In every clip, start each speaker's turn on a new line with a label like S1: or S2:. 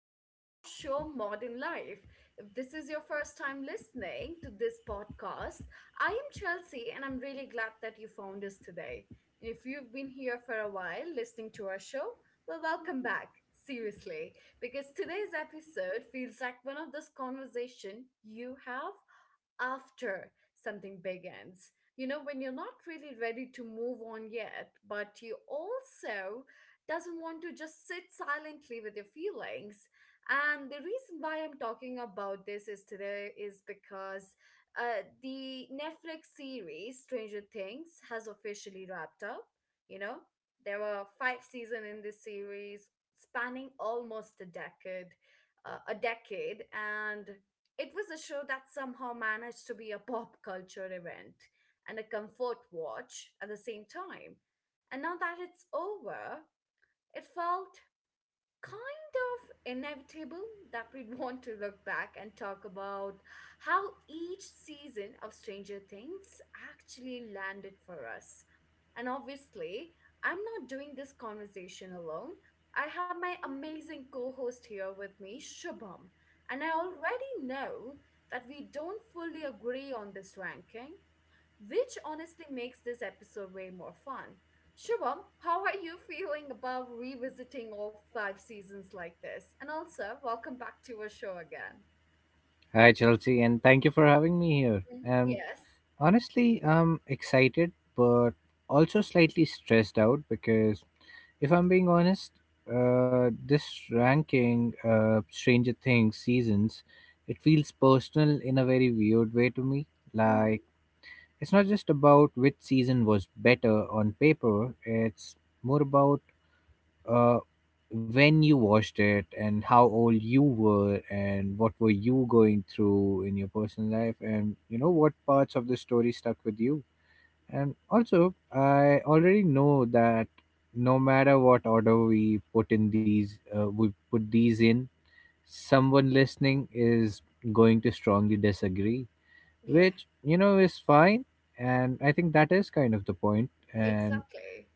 S1: back to our show Modern Life. If this is your first time listening to this podcast, I am Chelsea and I'm really glad that you found us today. And if you've been here for a while listening to our show, well, welcome back. Seriously, because today's episode feels like one of those conversation you have after something big ends. You know, when you're not really ready to move on yet, but you also doesn't want to just sit silently with your feelings. And the reason why I'm talking about this is today is because the Netflix series Stranger Things has officially wrapped up. You know, there were five seasons in this series, spanning almost a decade, and it was a show that somehow managed to be a pop culture event and a comfort watch at the same time. And now that it's over, it felt kind of inevitable that we'd want to look back and talk about how each season of Stranger Things actually landed for us. And obviously, I'm not doing this conversation alone. I have my amazing co host here with me, Shubham. And I already know that we don't fully agree on this ranking, which honestly makes this episode way more fun. Shubham, how are you feeling about revisiting all five seasons like this? And also, welcome back to our show again.
S2: Hi, Chelsea, and thank you for having me here.
S1: Mhm.
S2: And
S1: Yes.
S2: honestly, I'm excited, but also slightly stressed out because if I'm being honest, this ranking, Stranger Things seasons, it feels personal in a very weird way to me. Like,
S1: Hmm.
S2: it's not just about which season was better on paper, it's more about, uh, when you watched it and how old you were and what were you going through in your personal life, and you know what parts of the story stuck with you. And also, I already know that no matter what order we put in these we put these in, someone listening is going to strongly disagree,
S1: Yeah,
S2: which is fine. And I think that is kind of the point. And
S1: exactly.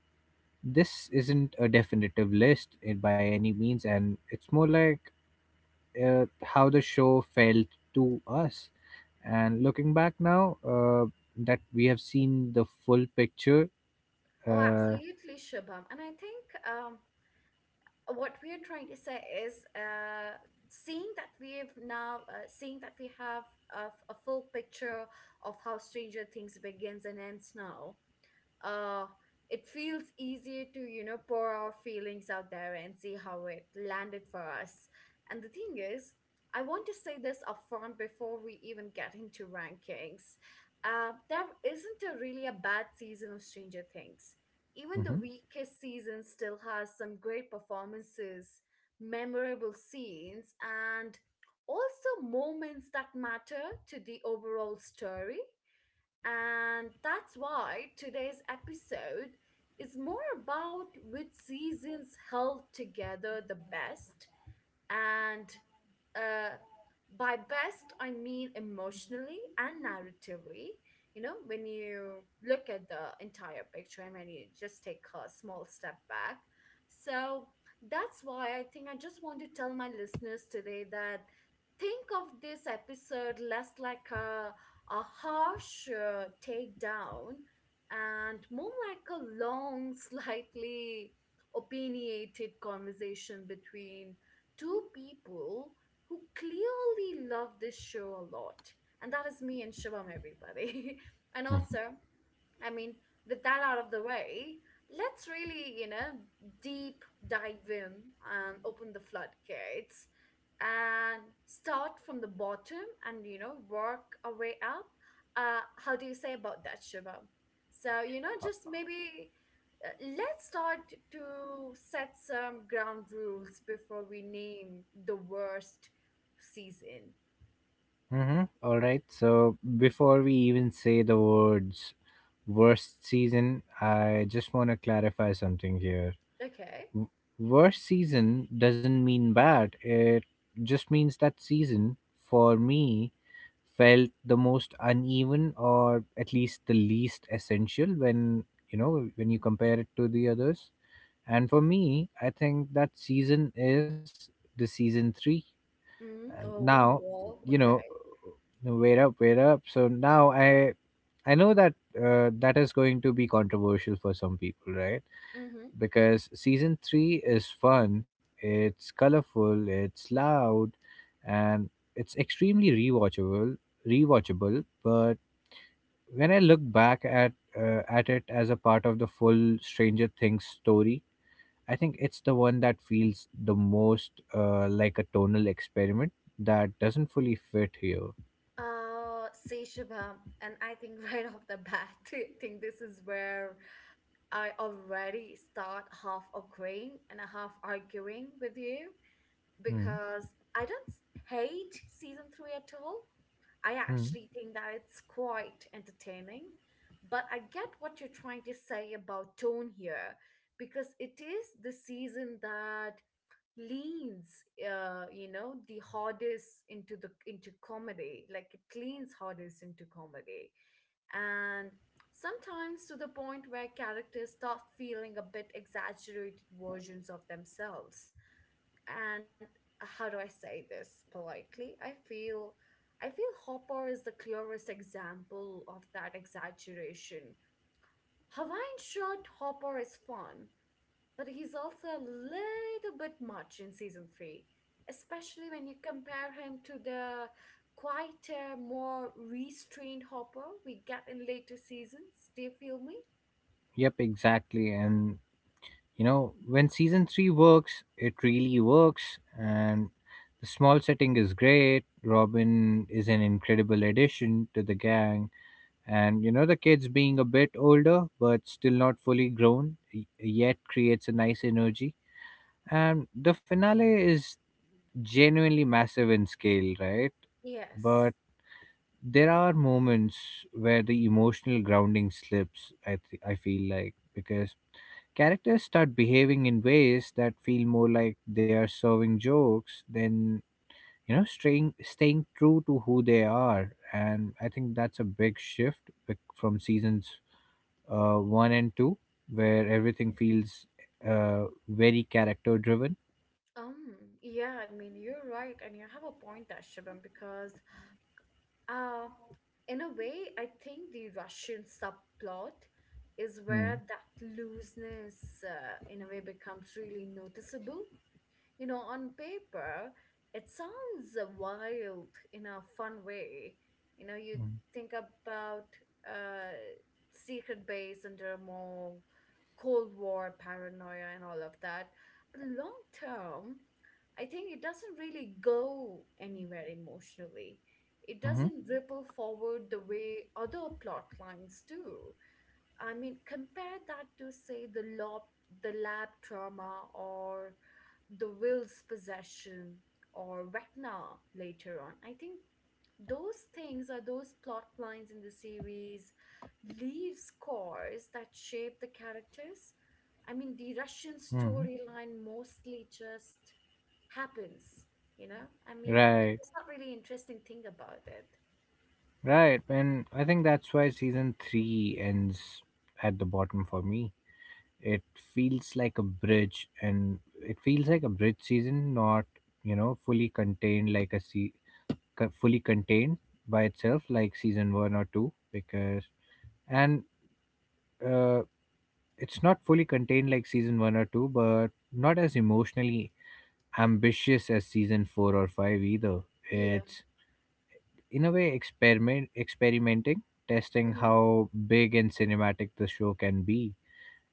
S2: this isn't a definitive list by any means, and it's more like, uh, how the show felt to us. And looking back now, that we have seen the full picture.
S1: Oh,
S2: Uh,
S1: absolutely, Shubham. And I think what we are trying to say is seeing that we have a, a full picture of how Stranger Things begins and ends now, uh it feels easier to, you know, pour our feelings out there and see how it landed for us. And the thing is, I want to say this upfront before we even get into rankings. There isn't a really a bad season of Stranger Things. Even the
S2: mhm,
S1: weakest season still has some great performances, memorable scenes, and also moments that matter to the overall story. And that's why today's episode is more about which seasons held together the best. And uh, by best I mean emotionally and narratively, you know, when you look at the entire picture and when you just take a small step back. So that's why I think I just want to tell my listeners today that think of this episode less like a harsh takedown and more like a long slightly opinionated conversation between two people who clearly love this show a lot. And that is me and Shivam, everybody. And also, I mean, with that out of the way, let's really, you know, deep dive in and open the floodgates and start from the bottom and, you know, work our way up. How do you say about that, Shivam? So, you know, just maybe let's start to set some ground rules before we name the worst season.
S2: mhm. All right. So before we even say the words worst season, I just want to clarify something here.
S1: Okay.
S2: W- Worst season doesn't mean bad. It just means that season for me felt the most uneven, or at least the least essential, when you compare it to the others. And for me, I think that season is the season 3.
S1: Mm-hmm.
S2: And now,
S1: Oh,
S2: you
S1: well,
S2: know,
S1: okay.
S2: wait up, wait up, so now I know that, that is going to be controversial for some people, right? Because season three is fun, it's colorful, it's loud, and it's extremely rewatchable. Rewatchable, but when I look back at it as a part of the full Stranger Things story, I think it's the one that feels the most, like a tonal experiment that doesn't fully fit here.
S1: See, Shubham, and I think right off the bat, I think this is where I already start half agreeing and a half arguing with you
S2: Mm-hmm.
S1: because I don't s- hate season three at all. I actually think that it's quite entertaining, but I get what you're trying to say about tone here because it is the season that leans, uh, you know, the hardest into the into comedy, like it leans hardest into comedy. And sometimes to the point where characters start feeling a bit exaggerated versions of themselves. And how do I say this politely? I feel Hopper is the clearest example of that exaggeration. Hawaiian shirt Hopper is fun, but he's also a little bit much in season three, especially when you compare him to the quieter, more restrained Hopper we get in later seasons. Do you feel me?
S2: Yep, exactly, and you know, when season 3 works, it really works. And the small setting is great. Robin is an incredible addition to the gang. And you know, the kids being a bit older but still not fully grown yet creates a nice energy. And the finale is genuinely massive in scale, right?
S1: Yes.
S2: But there are moments where the emotional grounding slips, I feel like, because characters start behaving in ways that feel more like they are serving jokes than, staying true to who they are. And I think that's a big shift from seasons, 1 and 2, where everything feels, very character driven.
S1: Yeah, I mean, you're right, and you have a point there, Shubham, because uh, in a way, I think the Russian subplot is where
S2: Mm.
S1: that looseness, in a way, becomes really noticeable. You know, on paper, it sounds wild in a fun way. You know, you
S2: Mm,
S1: think about uh, secret base under a mall, Cold War paranoia, and all of that. But long term, I think it doesn't really go anywhere emotionally. It
S2: mhm,
S1: doesn't ripple forward the way other plot lines do. I mean, compare that to, say, the lab trauma or the will's possession or Vecna later on. I think those things are those plot lines in the series leave scores that shape the characters. I mean, the Russian
S2: mhm.
S1: storyline mostly just happens, you know? I mean,
S2: Right,
S1: it's not really interesting thing about it.
S2: right, and I think that's why season 3 ends at the bottom for me. it it feels like a bridge season, not, fully contained like fully contained by itself like season 1 or 2. Because and uh, it's not fully contained like season 1 or 2, but not as emotionally ambitious as season 4 or 5 either.
S1: Yeah.
S2: It's, in a way, experimenting, testing
S1: Mm-hmm.
S2: how big and cinematic the show can be.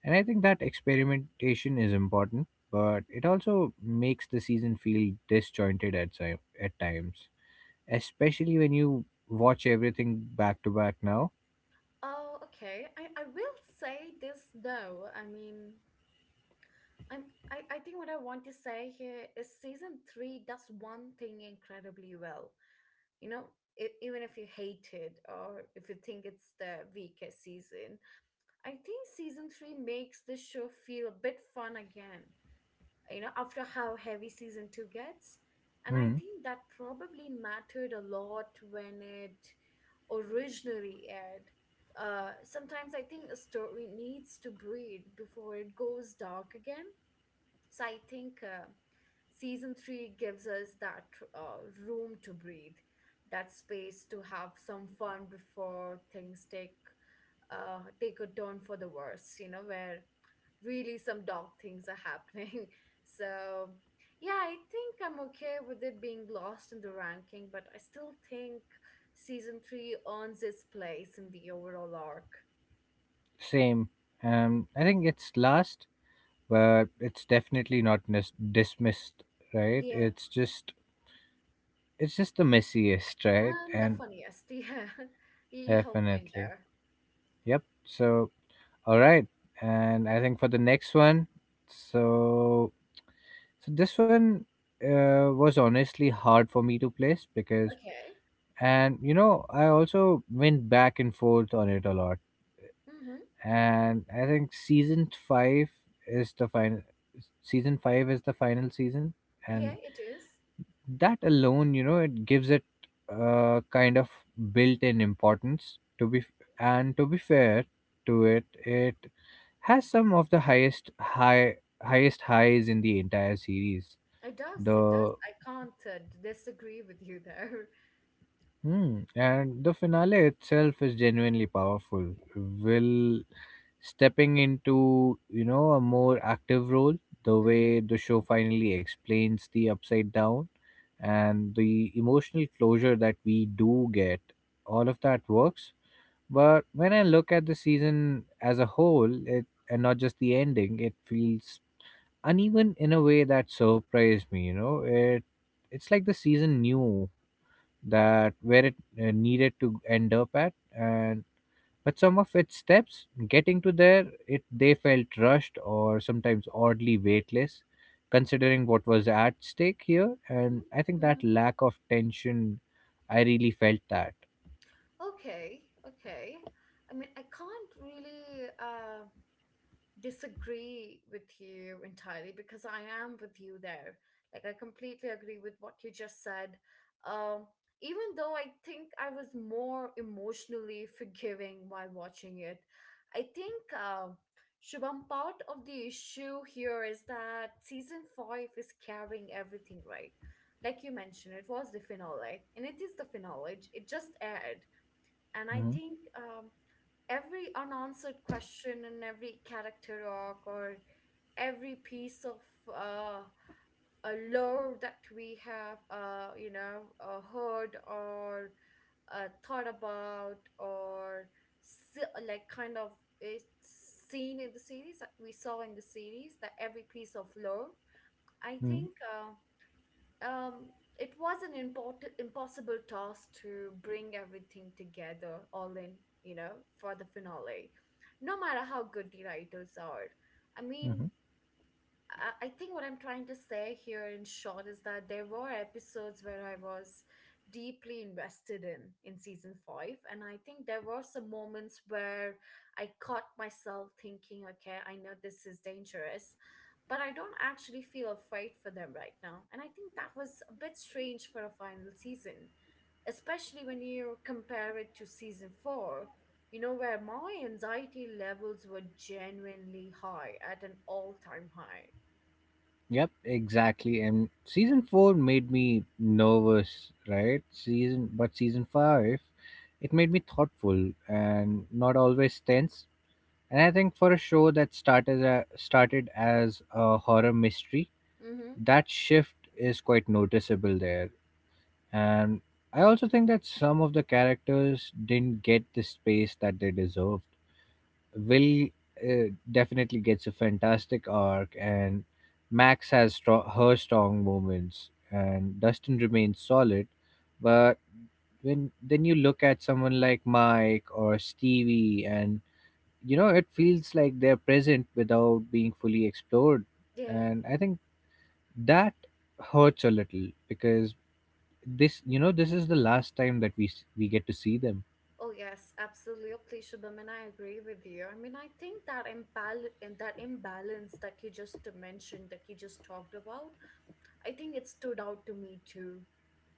S2: And I think that experimentation is important, but it also makes the season feel disjointed at times, especially when you watch everything back to back now.
S1: Oh, okay. I will say this though. I mean, I'm I think what I want to say here is season three does one thing incredibly well. You know, e- even if you hate it or if you think it's the weakest season, I think season three makes the show feel a bit fun again. You know, after how heavy season two gets, and I
S2: Hmm.
S1: think that probably mattered a lot when it originally aired. Sometimes I think a story needs to breathe before it goes dark again. So I think season three gives us that room to breathe, that space to have some fun before things take a turn for the worse. You know, where really some dark things are happening. So, yeah, I think I'm okay with it being lost in the ranking, but I still think season three earns its place in the overall arc.
S2: Same. I think it's last, but it's definitely not dismissed, right?
S1: Yeah,
S2: it's just the messiest, right?
S1: and the
S2: And
S1: funniest. Yeah, you have a point
S2: definitely,
S1: there.
S2: yep. So all right, and I think for the next one, so So this one, was honestly hard for me to place, because,
S1: Okay.
S2: and, you know, I also went back and forth on it a lot.
S1: Mm-hmm.
S2: And I think season five is the final. Season five is the final season,
S1: Yeah,
S2: and
S1: it is.
S2: that alone, it gives it a kind of built-in importance. And to be fair to it, it has some of the highest highs in the entire series.
S1: It does. It does.
S2: The
S1: I can't, disagree with you there.
S2: Hmm. And the finale itself is genuinely powerful. Will stepping into, a more active role, the way the show finally explains the upside down, and the emotional closure that we do get, all of that works. But when I look at the season as a whole, it and not just the ending, it feels uneven in a way that surprised me. It's like the season knew that where it, needed to end up at, and but some of its steps getting to there, it they felt rushed or sometimes oddly weightless, considering what was at stake here. And I think
S1: Mm-hmm. Mm-hmm.
S2: that lack of tension, I really felt that.
S1: Okay. Okay. I mean, I can't really. Disagree with you entirely because I am with you there. Like I completely agree with what you just said. Um, even though I think I was more emotionally forgiving while watching it, I think, Shubham, part of the issue here is that season five is carrying everything, right? Like you mentioned, it was the finale, and it is the finale. It just aired, and I
S2: Hmm.
S1: think, every unanswered question and every character arc or every piece of uh, a lore that we have, you know, heard or thought about or se- like kind of it's seen in the series that we saw in the series that every piece of lore, I
S2: Hmm.
S1: think, um, it was an import- impossible task to bring everything together all in, you know, for the finale, no matter how good the writers are. I mean,
S2: Hmm.
S1: I think what I'm trying to say here in short is that there were episodes where I was deeply invested in season 5, and I think there were some moments where I caught myself thinking, okay, I know this is dangerous but I don't actually feel afraid for them right now. And I think that was a bit strange for a final season, especially when you compare it to season 4, you know, where my anxiety levels were genuinely high at an all-time high.
S2: Yep, exactly, and season 4 made me nervous, right? Season but season 5, it made me thoughtful and not always tense. And I think for a show that started as a horror mystery,
S1: Mm-hmm.
S2: that shift is quite noticeable there. And I also think that some of the characters didn't get the space that they deserved. Will, definitely gets a fantastic arc, and Max has her strong moments, and Dustin remains solid. But when then you look at someone like Mike or Stevie, and it feels like they're present without being fully explored.
S1: Yeah.
S2: And I think that hurts a little, because this you know this is the last time that we get to see them.
S1: Oh yes, absolutely, Shubham, and I agree with you. I mean, I think that imbal and that imbalance that you just mentioned, that you just talked about, I think it stood out to me too.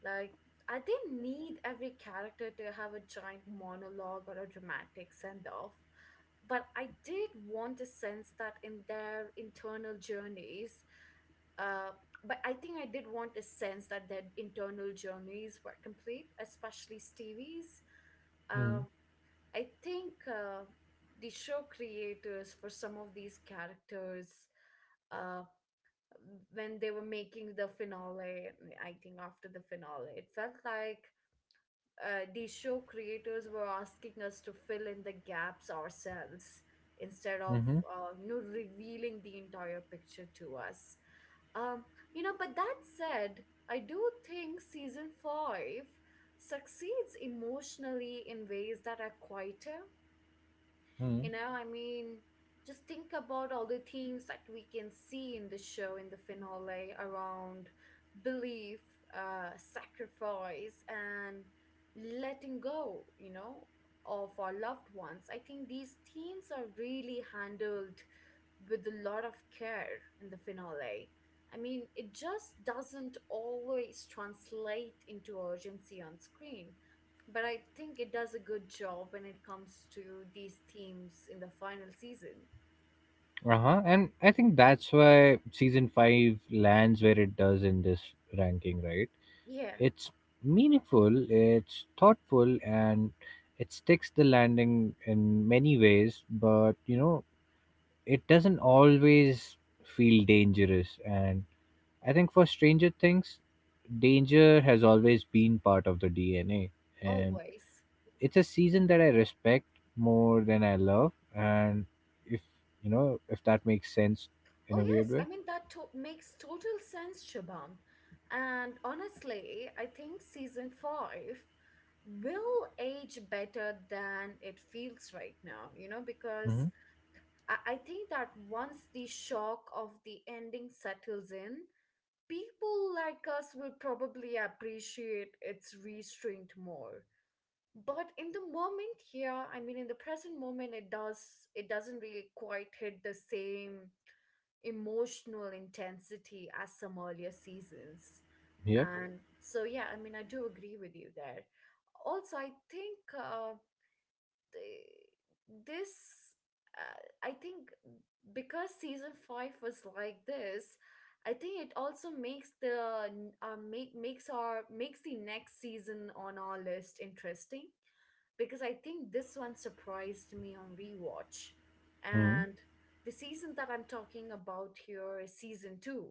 S1: Like, I didn't need every character to have a giant monologue or a dramatic send off, but I did want a sense that in their internal journeys, uh, but I think I did want a sense that their internal journeys were complete, especially Stevie's.
S2: Mm-hmm.
S1: Um, I think the show creators for some of these characters, uh when they were making the finale, I think after the finale, it felt like the show creators were asking us to fill in the gaps ourselves instead of,
S2: Mm-hmm.
S1: you know, revealing the entire picture to us. Um, you know, but that said, I do think season five succeeds emotionally in ways that are quieter. You know, I mean, just think about all the themes that we can see in the show in the finale around belief, sacrifice, and letting go, you know, of our loved ones. I think these themes are really handled with a lot of care in the finale. I mean, it just doesn't always translate into urgency on screen, but I think it does a good job when it comes to these themes in the final season.
S2: Uh-huh. And I think that's why season 5 lands where it does in this ranking, right?
S1: Yeah,
S2: It's meaningful, it's thoughtful, and it sticks the landing in many ways, but, it doesn't always feel dangerous. And I think for Stranger Things, danger has always been part of the DNA. And
S1: always.
S2: it's a season that I respect more than I love. And if, you know, if that makes sense, in
S1: Oh,
S2: a weird
S1: yes,
S2: way.
S1: I mean, that makes total sense, Shabam. And honestly, I think season five will age better than it feels right now, you know,
S2: Mm-hmm.
S1: because I think that once the shock of the ending settles in, people like us will probably appreciate its restraint more. But in the moment here, I mean in the present moment, it doesn't really quite hit the same emotional intensity as some earlier seasons. Mhm.
S2: Yep.
S1: And so yeah, I mean I do agree with you there. Also I think, the, this I think because season 5 was like this, I think it also makes the, makes the next season on our list interesting, because I think this one surprised me on rewatch.
S2: Mm-hmm.
S1: And the season that I'm talking about here is season two.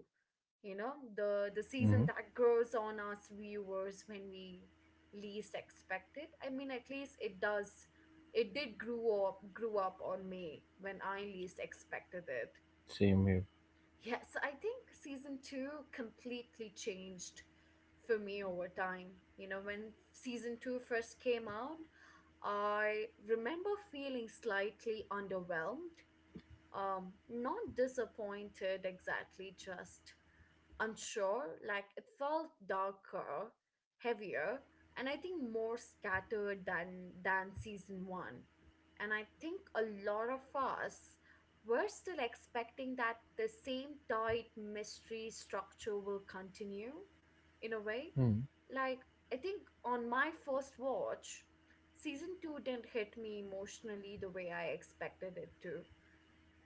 S1: You know, the season
S2: Mm-hmm.
S1: that grows on us viewers when we least expect it. I mean, at least it does. It did grew up on me when I least expected it.
S2: Same here.
S1: Yes, I think season two completely changed for me over time. You know, when season two first came out, I remember feeling slightly underwhelmed, not disappointed exactly, just unsure. Like it felt darker, heavier, and I think more scattered than season one. And I think a lot of us were still expecting that the same tight mystery structure will continue in a way.
S2: Mm-hmm.
S1: Like I think on my first watch, season two didn't hit me emotionally the way I expected it to.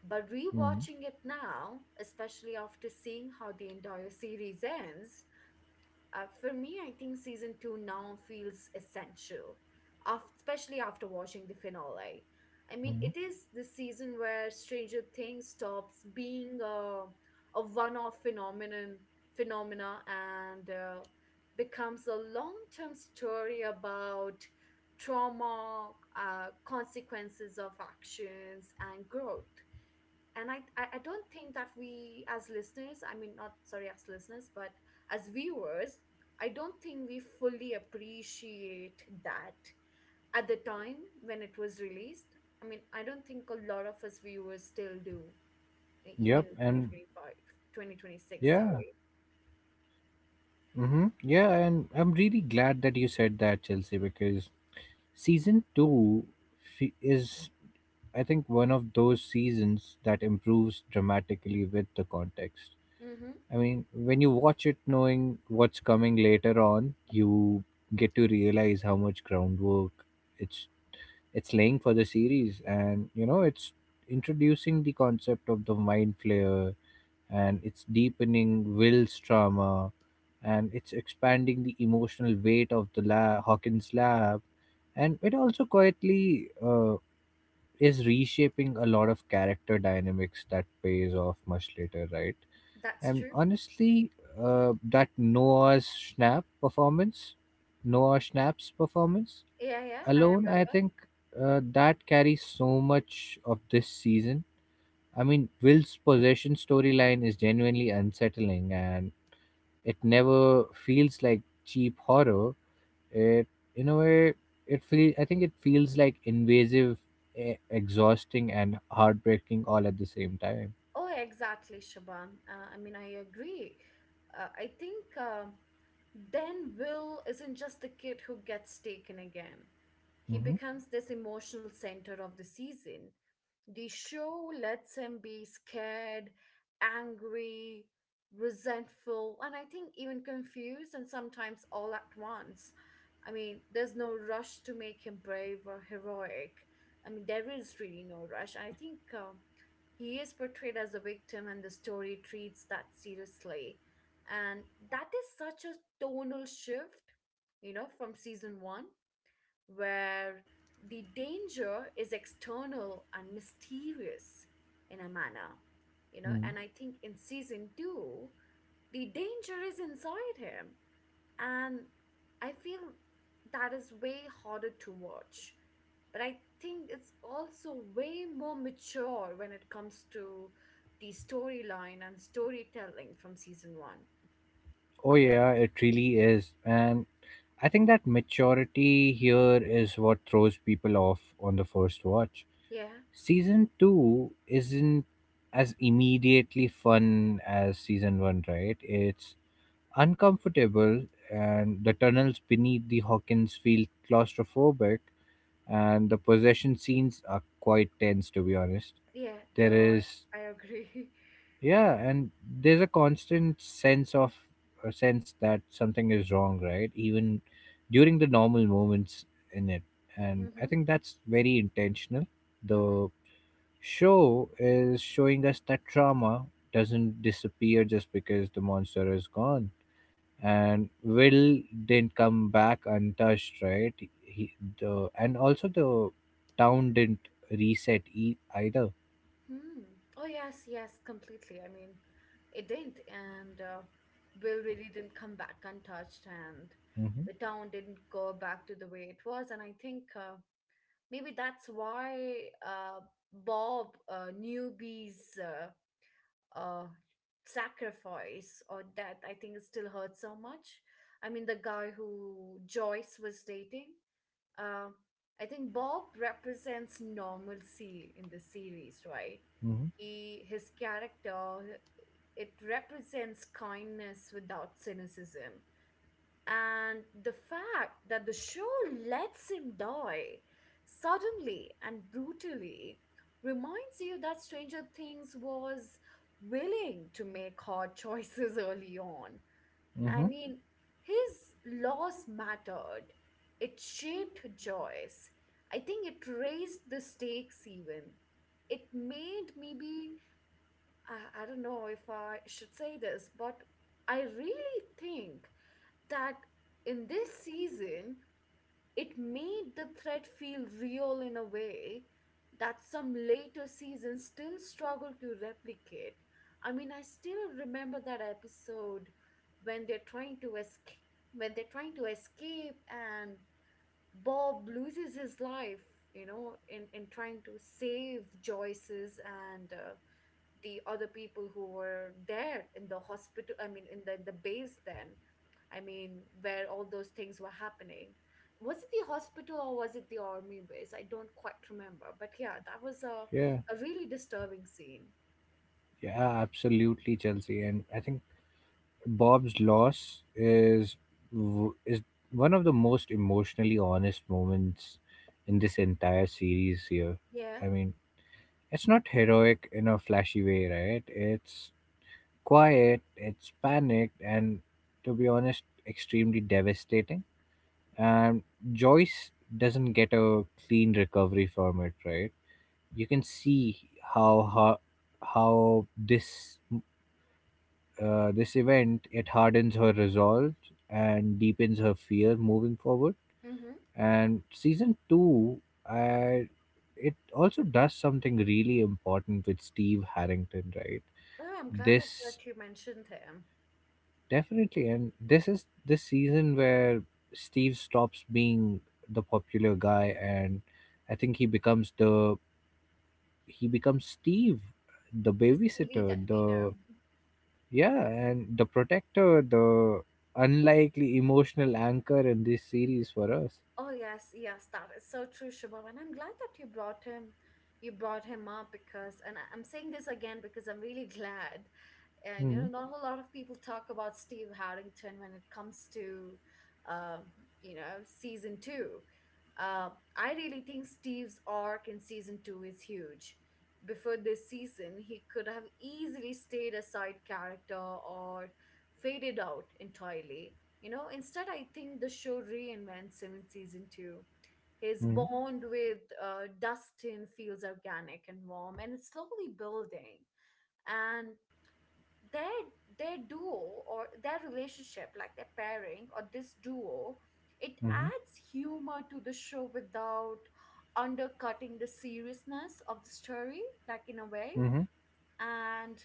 S1: But
S2: Mm-hmm.
S1: rewatching it now, especially after seeing how the entire series ends, for me, I think season two now feels essential, especially after watching the finale. I mean, it is the season where Stranger Things stops being a one-off phenomenon, and becomes a long-term story about trauma, consequences of actions, and growth. And I don't think that we as listeners, I mean not sorry as listeners but as viewers, I don't think we fully appreciate that at the time when it was released. I mean, I don't think a lot of us viewers still do, even
S2: Yep.
S1: in twenty
S2: And
S1: twenty five 2026
S2: yeah.
S1: sorry.
S2: Mm-hmm. Yeah. And I'm really glad that you said that, Chelsea, because season two is, I think, one of those seasons that improves dramatically with the context.
S1: Mm-hmm.
S2: I mean, when you watch it knowing what's coming later on, you get to realize how much groundwork it's it's laying for the series. And, it's introducing the concept of the mind flayer, and it's deepening Will's trauma, and it's expanding the emotional weight of the Hawkins lab. And it also quietly, is reshaping a lot of character dynamics that pays off much later, right?
S1: That's
S2: And
S1: true.
S2: honestly, that Noah Schnapp's performance
S1: Yeah, yeah, I
S2: alone, I
S1: remember.
S2: think, that carries so much of this season. I mean, Will's possession storyline is genuinely unsettling, and it never feels like cheap horror. It, in a way, it feel I think it feels like invasive, exhausting, and heartbreaking all at the same time.
S1: Oh, exactly, Shabam. I mean, I agree. I think then Will isn't just the kid who gets taken again. He
S2: Hmm.
S1: becomes this emotional center of the season. The show lets him be scared, angry, resentful, and I think even confused, and sometimes all at once. I mean, there's no rush to make him brave or heroic. I mean, there is really no rush, I think. He is portrayed as a victim, and the story treats that seriously. And that is such a tonal shift, you know, from season one, where the danger is external and mysterious, in a manner, you know. And I think in season two, the danger is inside him, and I feel that is way harder to watch. But I think it's also way more mature when it comes to the storyline and storytelling from season one.
S2: Oh yeah, it really is. And I think that maturity here is what throws people off on the first watch.
S1: Yeah,
S2: Season 2 isn't as immediately fun as season 1, right? It's uncomfortable, and the tunnels beneath the Hawkins feel claustrophobic, and the possession scenes are quite tense, to be honest.
S1: yeah,
S2: There
S1: there are.
S2: is.
S1: I agree.
S2: Yeah, and there's a constant sense of, a sense that something is wrong, right? Even during the normal moments in it. And I
S1: Mm-hmm.
S2: think that's very intentional.
S1: Mm-hmm.
S2: The show is showing us that trauma doesn't disappear just because the monster is gone, and Will didn't come back untouched, right? He the and also, the town didn't reset either.
S1: Hmm. Oh yes, yes, completely. I mean, it didn't, and Will really didn't come back untouched, and
S2: Mm-hmm,
S1: the town didn't go back to the way it was. And I think maybe that's why Bob, newbie's, uh, sacrifice or death, I think it still hurts so much. I mean, the guy who Joyce was dating, uh, I think Bob represents normalcy in the series, right?
S2: mm-hmm,
S1: He his character, it represents kindness without cynicism, and the fact that the show lets him die suddenly and brutally reminds you that Stranger Things was willing to make hard choices early on. I
S2: mm-hmm.
S1: mean, his loss mattered, it shaped Joyce. I think it raised the stakes even. It made maybe, I don't know if I should say this, but I really think that in this season, it made the threat feel real in a way that some later seasons still struggle to replicate. I mean, I still remember that episode when they're trying to escape, and Bob loses his life, you know, in trying to save Joyce's and, the other people who were there in the hospital, I mean in the base then, I mean where all those things were happening. Was it the hospital or was it the army base? I don't quite remember, but yeah, that was
S2: Yeah,
S1: a really disturbing scene.
S2: yeah, absolutely, Chelsea. And I think Bob's loss is one of the most emotionally honest moments in this entire series here.
S1: Yeah.
S2: I mean, it's not heroic in a flashy way, right? It's quiet, it's panicked, and, to be honest, extremely devastating. And Joyce doesn't get a clean recovery from it, right? You can see how this event, it hardens her resolve and deepens her fear moving forward.
S1: Mm-hmm.
S2: And season two, I it also does something really important with Steve Harrington, right?
S1: Oh, I'm glad that,
S2: This
S1: that you mentioned him.
S2: Definitely, and this is the season where Steve stops being the popular guy, and I think he becomes, the he becomes Steve, the
S1: The Stevie
S2: babysitter,
S1: that we
S2: the,
S1: know.
S2: yeah, and the protector, the unlikely emotional anchor in this series for us.
S1: Oh yes, yes, that is so true, Shubham, and I'm glad that you brought him, you brought him up, because, and I'm saying this again because I'm really glad. And you know,
S2: Mm-hmm.
S1: not a whole lot of people talk about Steve Harrington when it comes to, um, you know, season two. uh, I really think Steve's arc in season two is huge. Before this season, he could have easily stayed a side character or faded out entirely. You know, instead I think the show reinvents him in season two. His
S2: Mm-hmm.
S1: bond with Dustin feels organic and warm, and it's slowly building. And their their duo, or their relationship, like their pairing, or this duo, it
S2: Mm-hmm.
S1: adds humor to the show without undercutting the seriousness of the story, like in a way.
S2: Mm-hmm.
S1: And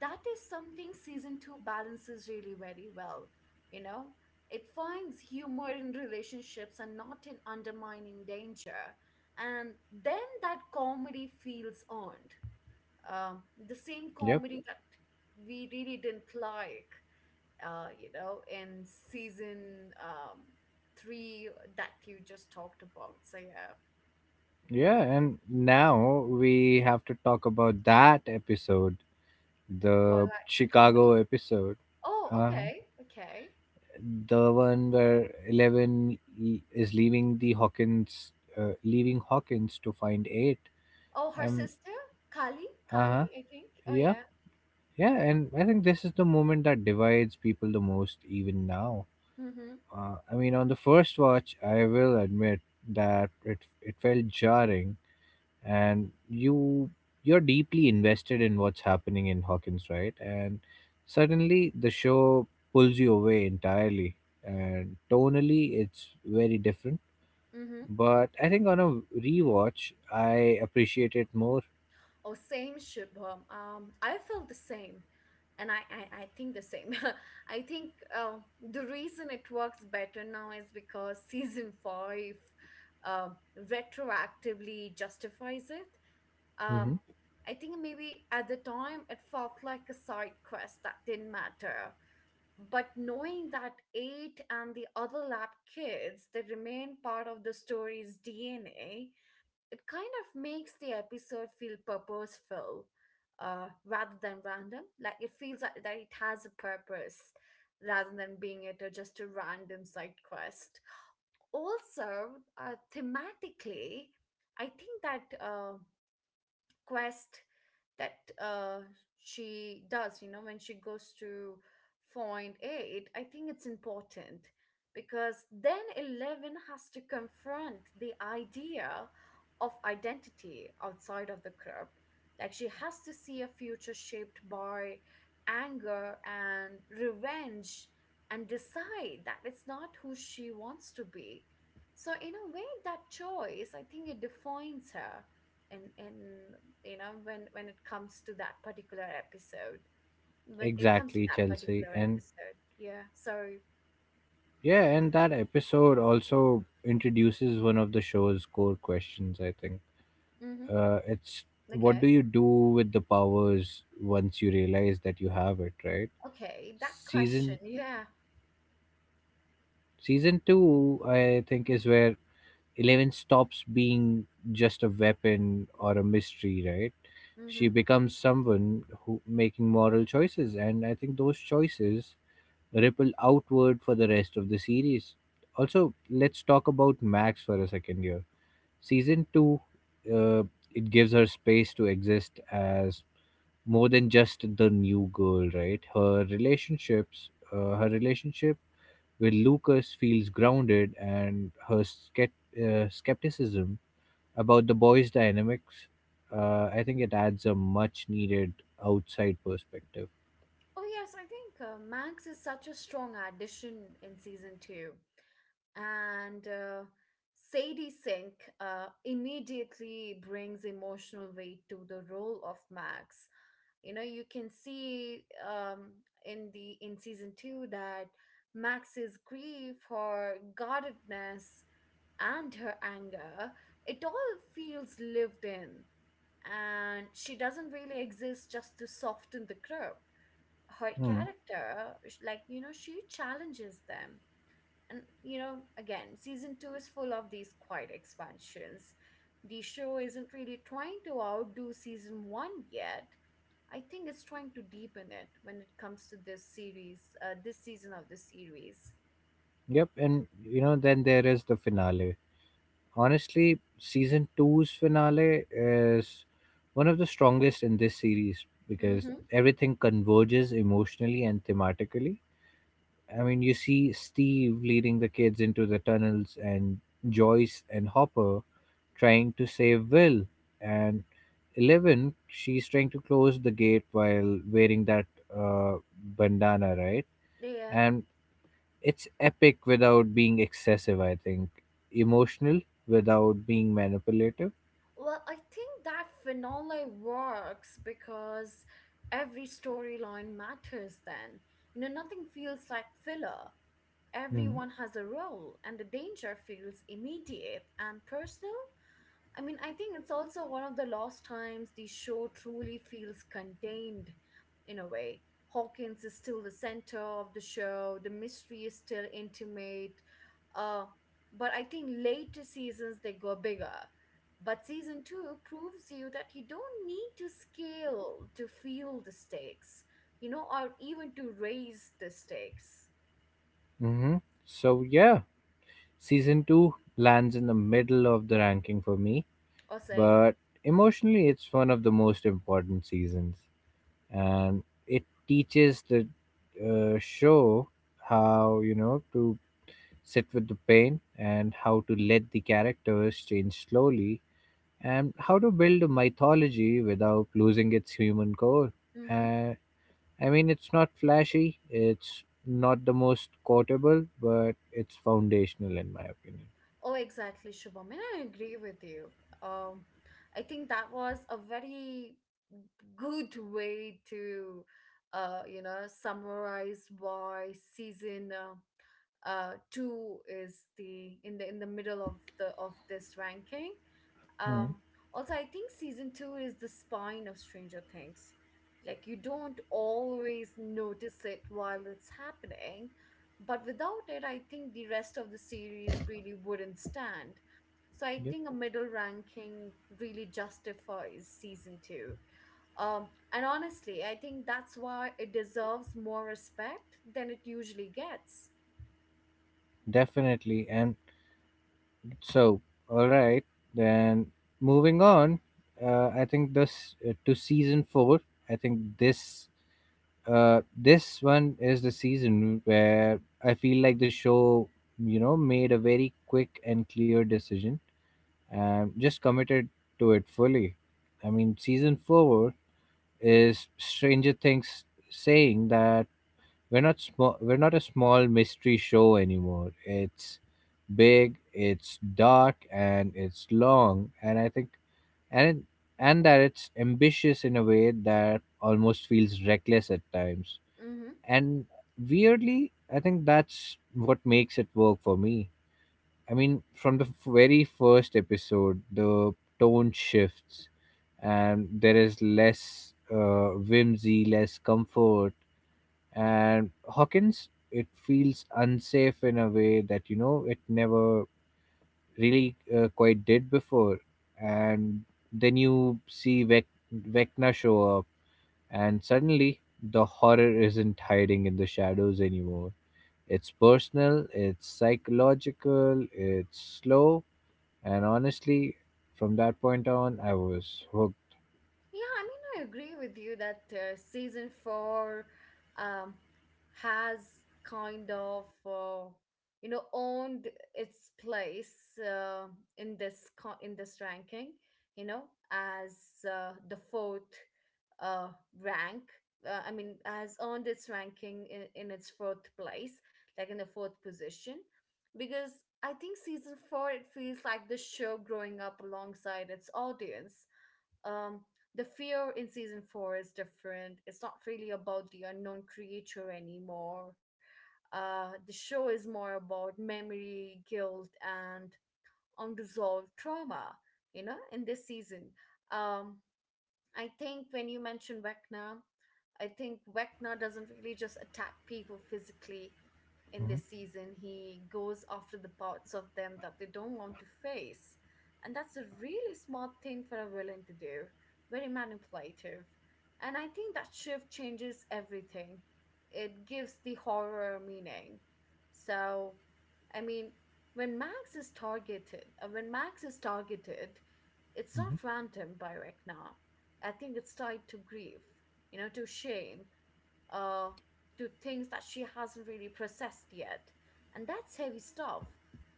S1: that is something season 2 balances really very well, you know. It finds humor in relationships and not in undermining danger, and then that comedy feels earned. The same
S2: Yep.
S1: comedy that we really didn't like, you know, in season, three, that you just talked about. So yeah,
S2: Yeah, and now we have to talk about that episode,
S1: for
S2: the
S1: like the comedy.
S2: Chicago episode.
S1: Oh,
S2: Uh huh.
S1: okay, okay.
S2: The one where Eleven is leaving Hawkins to find Eight.
S1: Oh, her
S2: Um,
S1: sister,
S2: uh
S1: Kali,
S2: huh.
S1: I think. Oh
S2: Yeah,
S1: yeah.
S2: yeah, and I think this is the moment that divides people the most, even now.
S1: Mm-hmm.
S2: I mean, on the first watch, I will admit that it felt jarring, and you're deeply invested in what's happening in Hawkins, right? And suddenly the show pulls you away entirely, and tonally it's very different,
S1: Mm-hmm.
S2: but I think on a rewatch, I appreciate it more.
S1: Oh, same, Shubham. I felt the same, and I think the same. I think the reason it works better now is because season five uh, retroactively justifies it.
S2: Hmm.
S1: Um, I think maybe at the time it felt like a side quest that didn't matter. But knowing that eight and the other lab kids, they remain part of the story's DNA, it kind of makes the episode feel purposeful, rather than random. Like it feels like that it has a purpose rather than being it a, just a random side quest. Also, thematically, I think that. Quest that she does, you know, when she goes to find A. It, I think it's important, because then Eleven has to confront the idea of identity outside of the crib. Like she has to see a future shaped by anger and revenge and decide that it's not who she wants to be. So, in a way, that choice, I think it defines her, in you know, when it comes to that particular episode, when it comes to
S2: Exactly,
S1: that
S2: Chelsea.
S1: particular
S2: And
S1: episode yeah. So,
S2: yeah, and that episode also introduces one of the show's core questions, I think.
S1: mm-hmm.
S2: It's, what
S1: Okay,
S2: do you do with the powers once you realize that you have it, right?
S1: okay, that question,
S2: Season
S1: yeah.
S2: season 2, I think, is where 11 stops being just a weapon or a mystery, right? She
S1: Mm-hmm.
S2: becomes someone who making moral choices, and I think those choices ripple outward for the rest of the series. Also, let's talk about Max for a second here. Season 2, uh, it gives her space to exist as more than just the new girl, right? Her relationships, her relationship with Lucas, feels grounded, and her skepticism about the boys' dynamics, I think it adds a much needed outside perspective.
S1: Oh yes, I think Max is such a strong addition in season two. And Sadie Sink, immediately brings emotional weight to the role of Max. You know, you can see, in the in season two, that Max's grief, her guardedness, and her anger, it all feels lived in. And she doesn't really exist just to soften the group. Her
S2: Hmm.
S1: character like, you know, she challenges them. And you know, again, season two is full of these quiet expansions. The show isn't really trying to outdo season one yet. I think it's trying to deepen it when it comes to this series, this season of the series.
S2: Yep, and you know, then there is the finale. Honestly, season two's finale is one of the strongest in this series because
S1: Mm-hmm.
S2: everything converges emotionally and thematically. I mean, you see Steve leading the kids into the tunnels, and Joyce and Hopper trying to save Will, and Eleven, she's trying to close the gate while wearing that bandana, right?
S1: Yeah.
S2: And it's epic without being excessive, I think. Emotional without being manipulative.
S1: Well, I think that finale works because every storyline matters then. You know, nothing feels like filler. Everyone has a role, and the danger feels immediate and personal. I mean, I think it's also one of the last times the show truly feels contained, in a way. Hawkins is still the center of the show, the mystery is still intimate. Uh, but I think later seasons they go bigger. But season two proves you that you don't need to scale to feel the stakes, you know, or even to raise the stakes.
S2: Mm-hmm. So, yeah, season two lands in the middle of the ranking for me,
S1: Or say,
S2: but emotionally it's one of the most important seasons, and it teaches the show how, you know, to sit with the pain, and how to let the characters change slowly, and how to build a mythology without losing its human core.
S1: mm.
S2: uh, I mean, it's not flashy, it's not the most quotable, but it's foundational in my opinion.
S1: Oh, exactly, Shubham. And I agree with you. Um, I think that was a very good way to, you know, summarize why season, two is the, in the middle of the of this ranking.
S2: Hmm.
S1: Um, also, I think season two is the spine of Stranger Things. Like, you don't always notice it while it's happening, but without it, I think the rest of the series really wouldn't stand. So, I
S2: Yep.
S1: think a middle ranking really justifies season two. And honestly, I think that's why it deserves more respect than it usually gets.
S2: Definitely. And so, all right, then moving on. I think this to season four. I think this this one is the season where I feel like the show, you know, made a very quick and clear decision and just committed to it fully. I mean, season four is Stranger Things saying that we're not small. We're not a small mystery show anymore. It's big, it's dark, and it's long. And I think and it, and that it's ambitious in a way that almost feels reckless at times.
S1: Mm-hmm.
S2: And weirdly, I think that's what makes it work for me. I mean, from the very first episode, the tone shifts, and there is less whimsy, less comfort, and Hawkins, it feels unsafe in a way that, you know, it never really quite did before. And then you see Vecna show up, and suddenly the horror isn't hiding in the shadows anymore. It's personal, it's psychological, it's slow, and honestly, from that point on, I was hooked.
S1: Yeah, I mean, I agree with you that season four, um, has kind of, you know, owned its place in this in this ranking, you know, as the fourth uh, rank. Has earned its ranking in its fourth place, like in the fourth position, because I think season four it feels like the show growing up alongside its audience. um the fear in season 4 is different. It's not really about the unknown creature anymore. The show is more about memory, guilt, and unresolved trauma, you know, in this season. um I think when you mention Vecna, I think Vecna doesn't really just attack people physically in
S2: Mhm,
S1: this season. He goes after the parts of them that they don't want to face. And that's a really smart thing for a villain to do, very manipulative. And I think that shift changes everything. It gives the horror meaning. So, I mean, when Max is targeted, it's
S2: mhm.
S1: not random by Rekna. I think it's tied to grief, you know, to shame, uh, to things that she hasn't really processed yet. And that's heavy stuff,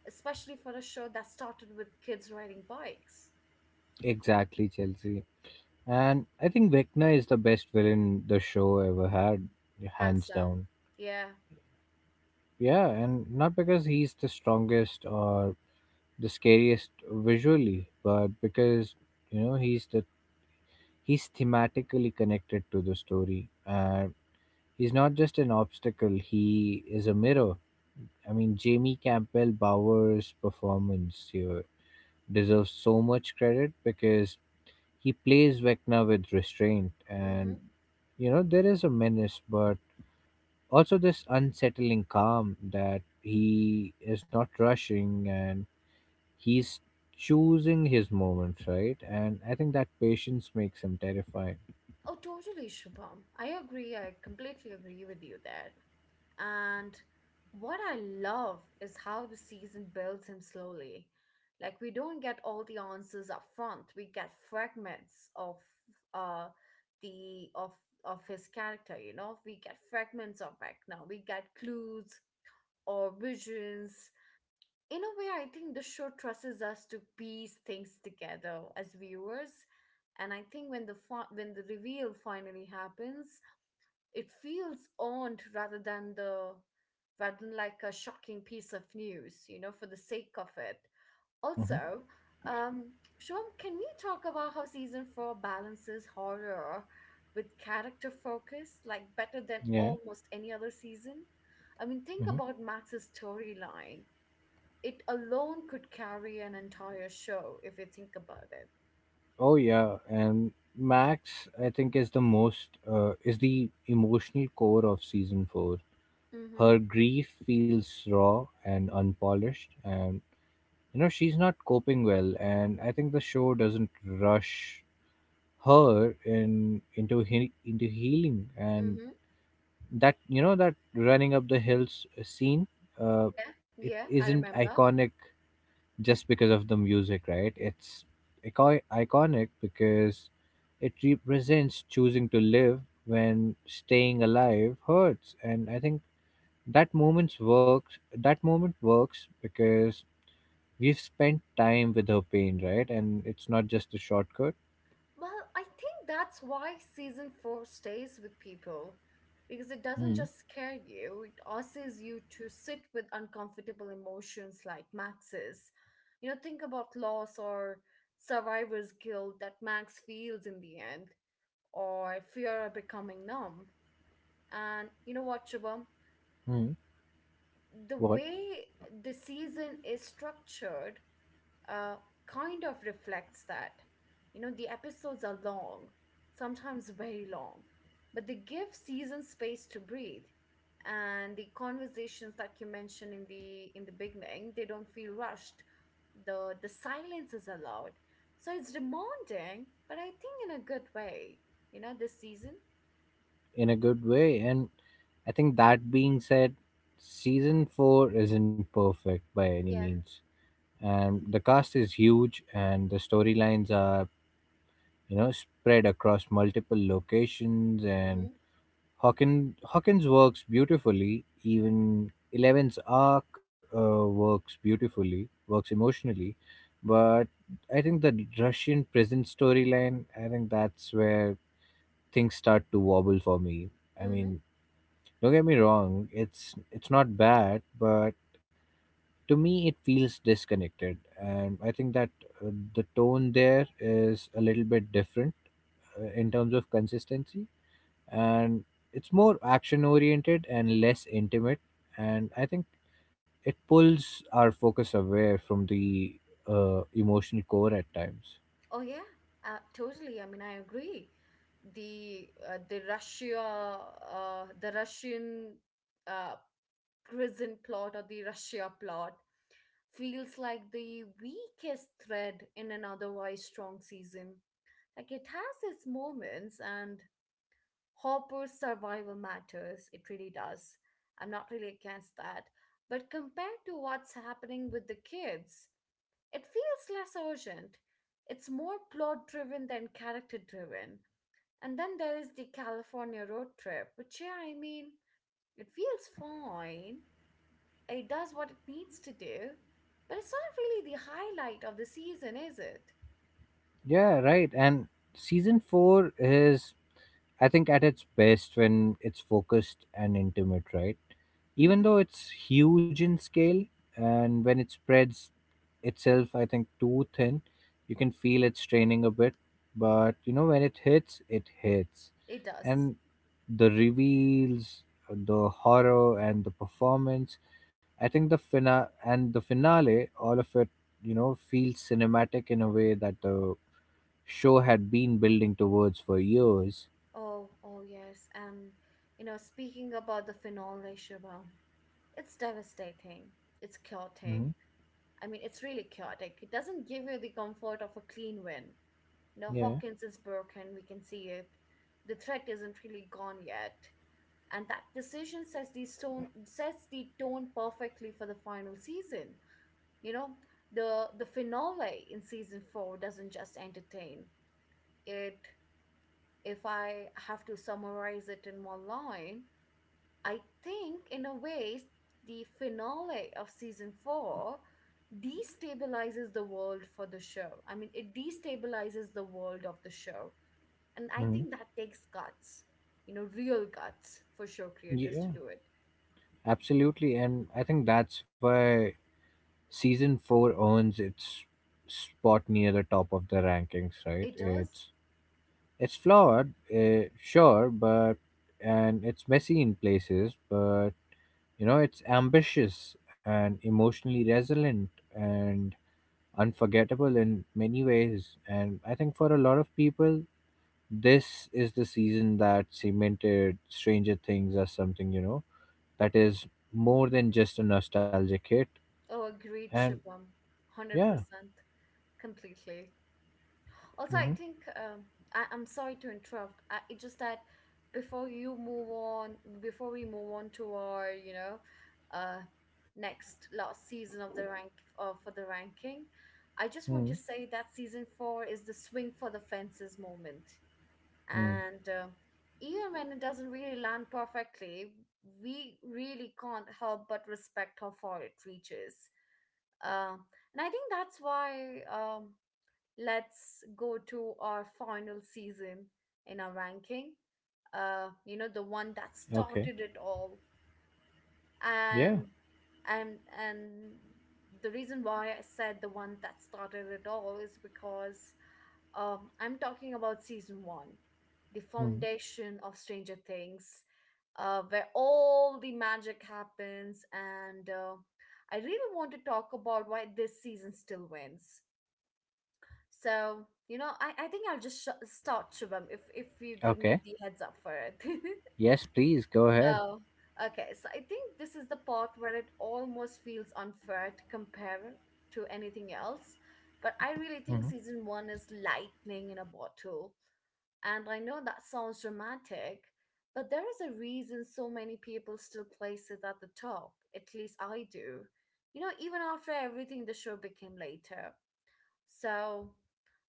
S1: especially for a show that started with kids riding bikes.
S2: Exactly, Chelsea. And I think Vecna is the best villain the show ever had,
S1: Hands
S2: hands
S1: down.
S2: down.
S1: Yeah.
S2: Yeah, and not because he's the strongest or the scariest visually, but because, you know, he's the he's thematically connected to the story. He's not just an obstacle; he is a mirror. I mean, Jamie Campbell Bower's performance here deserves so much credit because he plays Vecna with restraint, and
S1: Mm-hmm.
S2: you know there is a menace, but also this unsettling calm that he is not rushing, and he's choosing his moments right, and I think that patience makes him terrifying.
S1: Oh, totally, Shubham. I agree. I completely agree with you there. And what I love is how the season builds him slowly. Like we don't get all the answers up front. We get fragments of uh the of his character, you know? We get fragments of Vecna. We get clues or visions. In a way, I think the show trusts us to piece things together as viewers. And I think when the reveal finally happens, it feels owned rather than like a shocking piece of news, you know, for the sake of it.
S2: Hmm.
S1: Also, um, Shom, can we talk about how season four balances horror with character focus, like better than
S2: Yeah.
S1: almost any other season? I mean, think
S2: Hmm.
S1: about Max's storyline. It alone could carry an entire show if you think about it.
S2: Oh yeah, and Max, I think, is the most is the emotional core of season 4.
S1: Mm-hmm.
S2: Her grief feels raw and unpolished, and you know she's not coping well, and I think the show doesn't rush her in into he, into healing, and
S1: Mm-hmm.
S2: that, you know, that running up the hills scene, uh,
S1: Yeah,
S2: it
S1: yeah, I
S2: isn't
S1: remember.
S2: iconic just because of the music, right? It's iconic because it represents choosing to live when staying alive hurts, and I think that moment works because we've spent time with her pain, right? And it's not just a shortcut.
S1: Well, I think that's why season four stays with people, because it doesn't
S2: Hmm.
S1: just scare you, it asks you to sit with uncomfortable emotions like Max's. You know, think about loss or survivor's guilt that Max feels in the end, or fear of becoming numb. And you know what, Shubham?
S2: Hmm.
S1: The
S2: What
S1: way the season is structured, uh, kind of reflects that. You know, the episodes are long, sometimes very long, but they give season space to breathe. And the conversations that you mentioned in the beginning, they don't feel rushed. The silence is allowed. So it's demanding, but I think in a good way. You know, this season.
S2: in a good way. And I think that being said, season four isn't perfect by any
S1: Yeah.
S2: means. And the cast is huge, and the storylines are, you know, spread across multiple locations. And Hawkins works beautifully. Even Eleven's arc uh, works beautifully, works emotionally. But I think the Russian prison storyline, I think that's where things start to wobble for me. I
S1: Mm-hmm.
S2: mean, don't get me wrong, it's not bad, but to me it feels disconnected, and I think that the tone there is a little bit different in terms of consistency, and it's more action oriented and less intimate, and I think it pulls our focus away from the emotional core at times.
S1: Oh yeah, totally. I mean, I agree. The uh, the Russia the Russian uh, prison plot or the Russia plot feels like the weakest thread in an otherwise strong season. Like it has its moments, and Hopper's survival matters. It really does. I'm not really against that. But compared to what's happening with the kids, it feels less urgent. It's more plot driven than character driven. And then there is the California road trip, which, yeah, I mean, it feels fine. It does what it needs to do. But it's not really the highlight of the season, is it?
S2: Yeah, right. And season four is, I think, at its best when it's focused and intimate, right? Even
S1: Mm-hmm.
S2: though it's huge in scale, and when it spreads itself, I think, too thin, you can feel it straining a bit, but you know, when it hits, it hits.
S1: It does.
S2: And the reveals, the horror, and the performance, I think the finale, all of it, you know, feels cinematic in a way that the show had been building towards for years.
S1: Oh, oh, yes. And, you know, speaking about the finale, Shiva, it's devastating. It's
S2: Hmm.
S1: chaotic. I mean, it's really chaotic. It doesn't give you the comfort of a clean win. Now
S2: Yeah.
S1: Hawkins is broken, we can see it. The threat isn't really gone yet. And that decision sets the stone sets the tone perfectly for the final season. You know, the finale in season four doesn't just entertain. It, if I have to summarize it in one line, I think in a way the finale of season four destabilizes the world for the show. I mean, it destabilizes the world of the show. And I
S2: Hmm.
S1: think that takes guts, you know, real guts for show creators to
S2: Yeah.
S1: do it.
S2: Absolutely, and I think that's why season four earns its spot near the top of the rankings. Right?
S1: It does.
S2: It's flawed, sure, but and it's messy in places, but you know it's ambitious and emotionally resilient and unforgettable in many ways. And I think for a lot of people, this is the season that cemented Stranger Things as something, you know, that is more than just a nostalgic hit.
S1: Oh, agreed,
S2: And
S1: Shubham.
S2: yeah.
S1: 100% completely. Also, I
S2: Mm-hmm.
S1: think I'm sorry to interrupt. It's just that before you move on, before we move on to our, you know, uh, next last season of the rank for the ranking, I just want to
S2: Mm.
S1: say that season four is the swing for the fences moment.
S2: Mm.
S1: And even when it doesn't really land perfectly, we really can't help but respect how far it reaches. Uh, and I think that's why let's go to our final season in our ranking. You know, the one that
S2: Okay.
S1: started it all.
S2: Yeah.
S1: And and the reason why I said the one that started it all is because I'm talking about season one, the
S2: Mm.
S1: foundation of Stranger Things, where all the magic happens. And I really want to talk about why this season still wins. So, you know, I think I'll just start, Shubham, if you give me
S2: Okay.
S1: the heads up for it.
S2: Yes, please go ahead.
S1: Oh, okay. So I think this is the part where it almost feels unfair to compare to anything else. But I really
S2: Mm-hmm.
S1: think season one is lightning in a bottle. And I know that sounds dramatic, but there is a reason so many people still place it at the top. At least I do. You know, even after everything the show became later. So,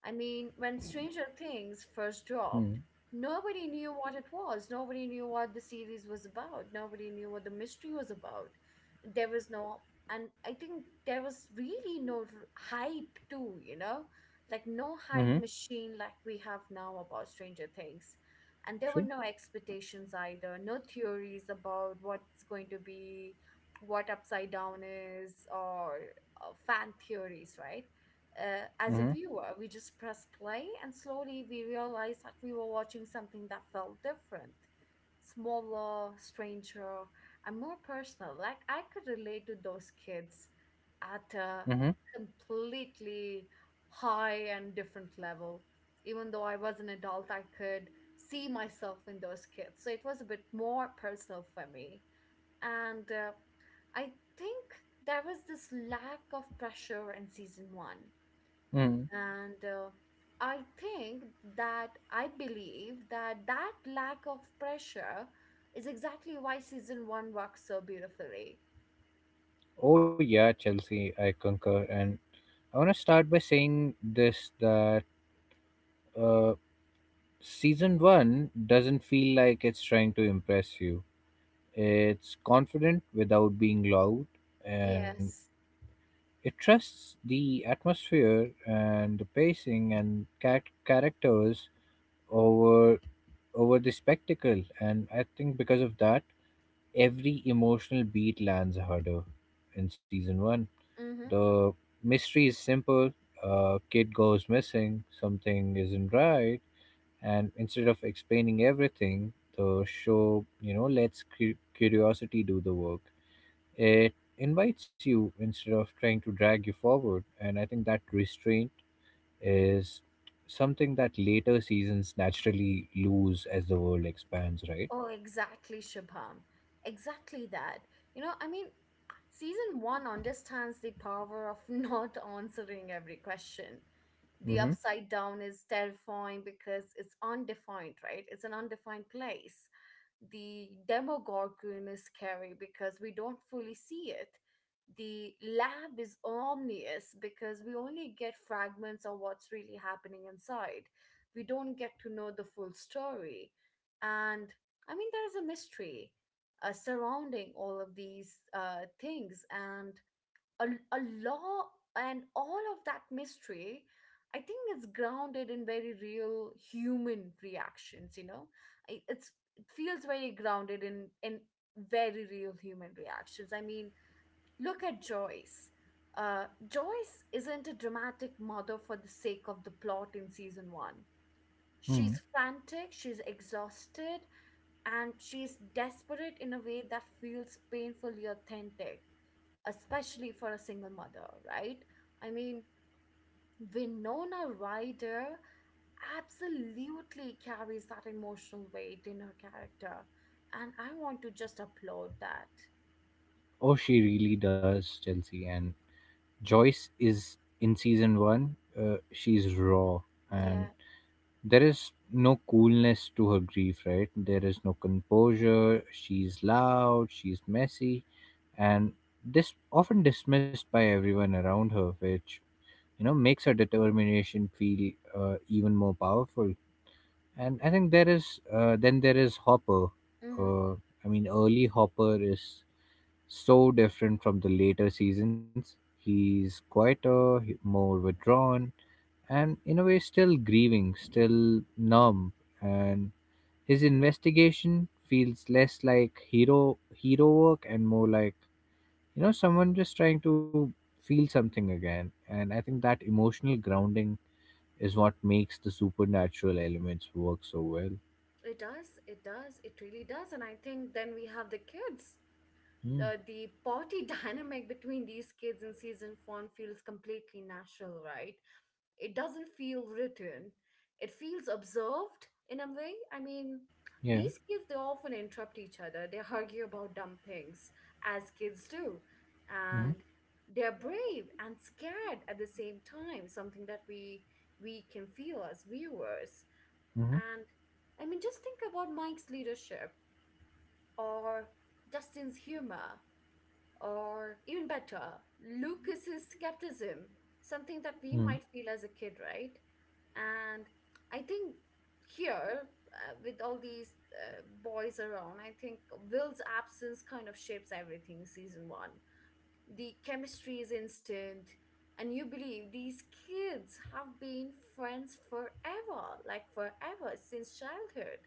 S1: I mean, when Stranger Things first
S2: Mm-hmm.
S1: dropped, nobody knew what it was. Nobody knew what the series was about. Nobody knew what the mystery was about. There was no, And I think there was really no hype too, you know? Like no hype
S2: Mm-hmm.
S1: machine like we have now about Stranger Things. And there were
S2: Sure.
S1: no expectations either, no theories about what's going to be, what Upside Down is, or fan theories, right? As a
S2: Mm-hmm.
S1: viewer, we just pressed play and slowly we realized that we were watching something that felt different, smaller, stranger, and more personal. Like I could relate to those kids at a
S2: Mm-hmm.
S1: completely high and different level. Even though I was an adult, I could see myself in those kids. So it was a bit more personal for me. And I think there was this lack of pressure in season one,
S2: Mm.
S1: and i think I believe that that lack of pressure is exactly why season 1 works so beautifully.
S2: Oh yeah, Chelsea, I concur. And I wanna start by saying this that uh season one doesn't feel like it's trying to impress you. It's confident without being loud, and
S1: Yes.
S2: it trusts the atmosphere and the pacing and characters over over the spectacle, and I think because of that, every emotional beat lands harder in season 1.
S1: Mm-hmm.
S2: The mystery is simple: a kid goes missing, something isn't right, and instead of explaining everything, the show, you know, lets curiosity do the work. It invites you instead of trying to drag you forward, and I think that restraint is something that later seasons naturally lose as the world expands, right?
S1: Oh, exactly, Shubham. Exactly that. You know, I mean, season one understands the power of not answering every question. The
S2: Mm-hmm.
S1: upside down is terrifying because it's undefined, right? It's an undefined place. The demagoguery is scary because we don't fully see it. The lab is omnious because we only get fragments of what's really happening inside. We don't get to know the full story. And I mean, there is a mystery surrounding all of these things. And a law and all of that mystery, I think it's grounded in very real human reactions, you know? I- it's it feels very grounded in very real human reactions I mean Look at Joyce. Joyce isn't a dramatic mother for the sake of the plot in season one.
S2: Hmm.
S1: She's frantic, she's exhausted, and she's desperate in a way that feels painfully authentic, especially for a single mother, right? I mean, Winona Ryder absolutely carries that emotional weight in her character, and I want to just applaud that.
S2: Oh, she really does, Chelsea. And Joyce is in season one, she's raw, and
S1: Yeah.
S2: there is no coolness to her grief, right? There is no composure. She's loud, she's messy, and this often dismissed by everyone around her, which, you know, makes her determination feel even more powerful. And I think there is then there is Hopper.
S1: Mm-hmm.
S2: Uh, I mean, early Hopper is so different from the later seasons. He's quieter, more withdrawn, and in a way, still grieving, still numb. And his investigation feels less like hero work and more like, you know, someone just trying to feel something again. And I think that emotional grounding is what makes the supernatural elements work so well.
S1: It does. It does. It really does. And I think then we have the kids.
S2: Mm,
S1: The party dynamic between these kids in season four feels completely natural, right? It doesn't feel written, it feels observed in a way. I mean,
S2: yeah.
S1: these kids, they often interrupt each other, they argue about dumb things, as kids do.
S2: Hmm.
S1: And they're brave and scared at the same time, something that we can feel as viewers.
S2: Hmm.
S1: And I mean, just think about Mike's leadership or Dustin's humor, or even better, Lucas's skepticism, something that
S2: Hmm.
S1: we might feel as a kid, right? And I think here, with all these boys around, I think Will's absence kind of shapes everything in season one. The chemistry is instant, and you believe these kids have been friends forever, like forever since childhood.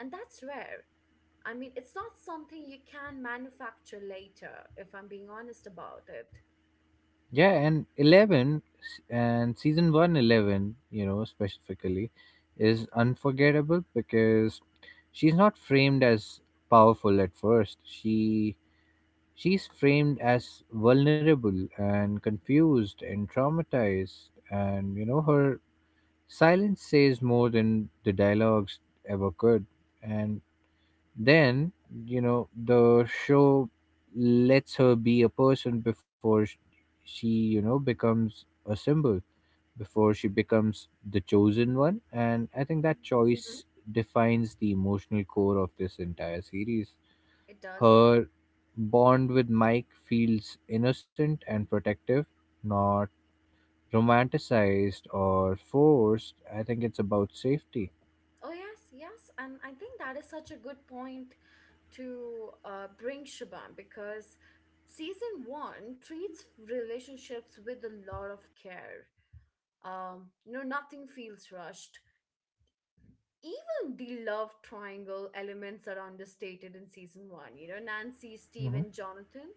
S1: And that's rare. I mean, it's not something you can manufacture later, if I'm being honest about it.
S2: Yeah, and season one, eleven, you know, specifically is unforgettable because she's not framed as powerful at first. She she's framed as vulnerable and confused and traumatized, and you know her silence says more than the dialogues ever could. And then, you know, the show lets her be a person before she, you know, becomes a symbol, before she becomes the chosen one. And I think that
S1: Hmm.
S2: choice defines the emotional core of this entire series.
S1: It does.
S2: Her bond with Mike feels innocent and protective, not romanticized or forced. I think it's about safety.
S1: Oh, yes, yes. And I think that is such a good point to bring Shubham, because season one treats relationships with a lot of care. You know, nothing feels rushed. Even the love triangle elements are understated in season one. You know, Nancy, Steve,
S2: Hmm.
S1: and Jonathan,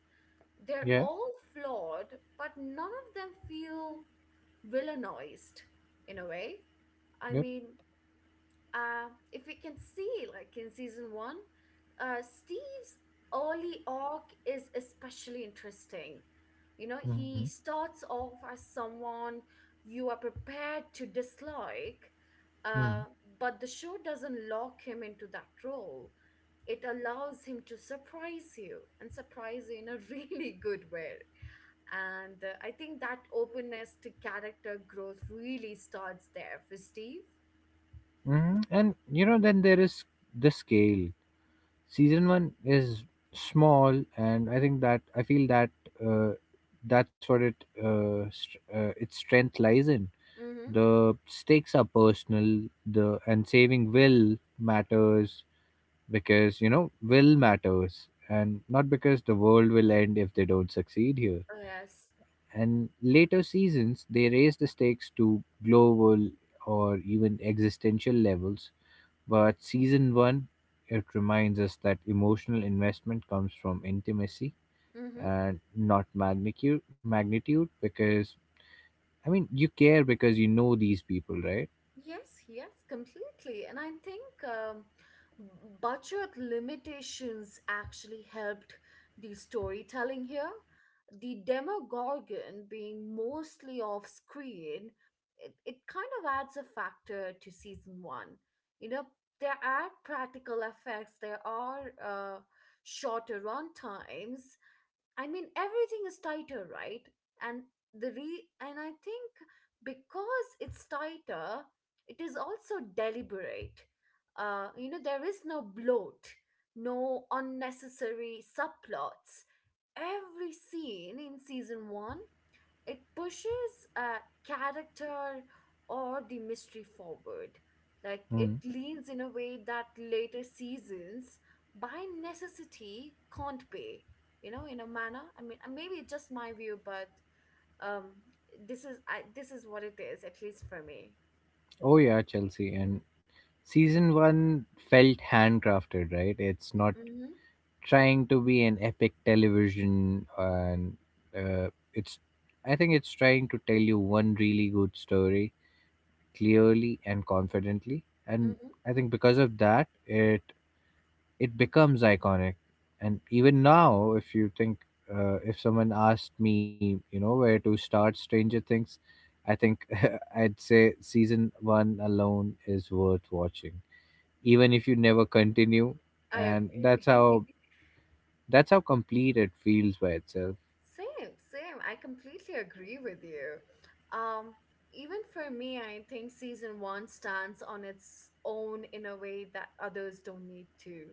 S1: they're
S2: Yeah.
S1: all flawed, but none of them feel villainized in a way. I
S2: Yep.
S1: mean, if we can see, like in season one, Steve's early arc is especially interesting. You know,
S2: Hmm.
S1: he starts off as someone you are prepared to dislike, uh, but the show doesn't lock him into that role. It allows him to surprise you, and surprise you in a really good way. And I think that openness to character growth really starts there for Steve.
S2: Mhm. And you know, then there is the scale. Season one is small, and I think that I feel that uh, that's what it st- its strength lies in.
S1: Mm-hmm.
S2: The stakes are personal. The and Saving Will matters because, you know, Will matters, and not because the world will end if they don't succeed here.
S1: Oh, yes.
S2: And later seasons, they raise the stakes to global or even existential levels, but season one, it reminds us that emotional investment comes from intimacy
S1: Mm-hmm.
S2: and not magnitude, because I mean, you care because you know these people, right?
S1: Yes, yes, completely. And I think budget limitations actually helped the storytelling here. The Demogorgon being mostly off screen, it kind of adds a factor to season one. You know, there are practical effects, there are shorter run times, I mean, everything is tighter, right? And the re and I think because it's tighter, it is also deliberate. There is no bloat, no unnecessary subplots. Every scene in season one it pushes character or the mystery forward. Like it
S2: Mm.
S1: leans in a way that later seasons, by necessity, can't pay. You know, in a manner. I mean, and maybe it's just my view, but um, this is this is what it is, at least for me.
S2: Oh yeah, Chelsea. And season one felt handcrafted, right? It's not
S1: Mm-hmm.
S2: trying to be an epic television, and it's. I think it's trying to tell you one really good story clearly and confidently, and
S1: Mm-hmm.
S2: I think because of that, it becomes iconic. And even now, if you think, if someone asked me, you know, where to start Stranger Things, I think I'd say season one alone is worth watching, even if you never continue.
S1: I
S2: And
S1: agree.
S2: that's how complete it feels by itself.
S1: Same, same. I completely agree with you. Um, Even for me, I think season one stands on its own in a way that others don't need to.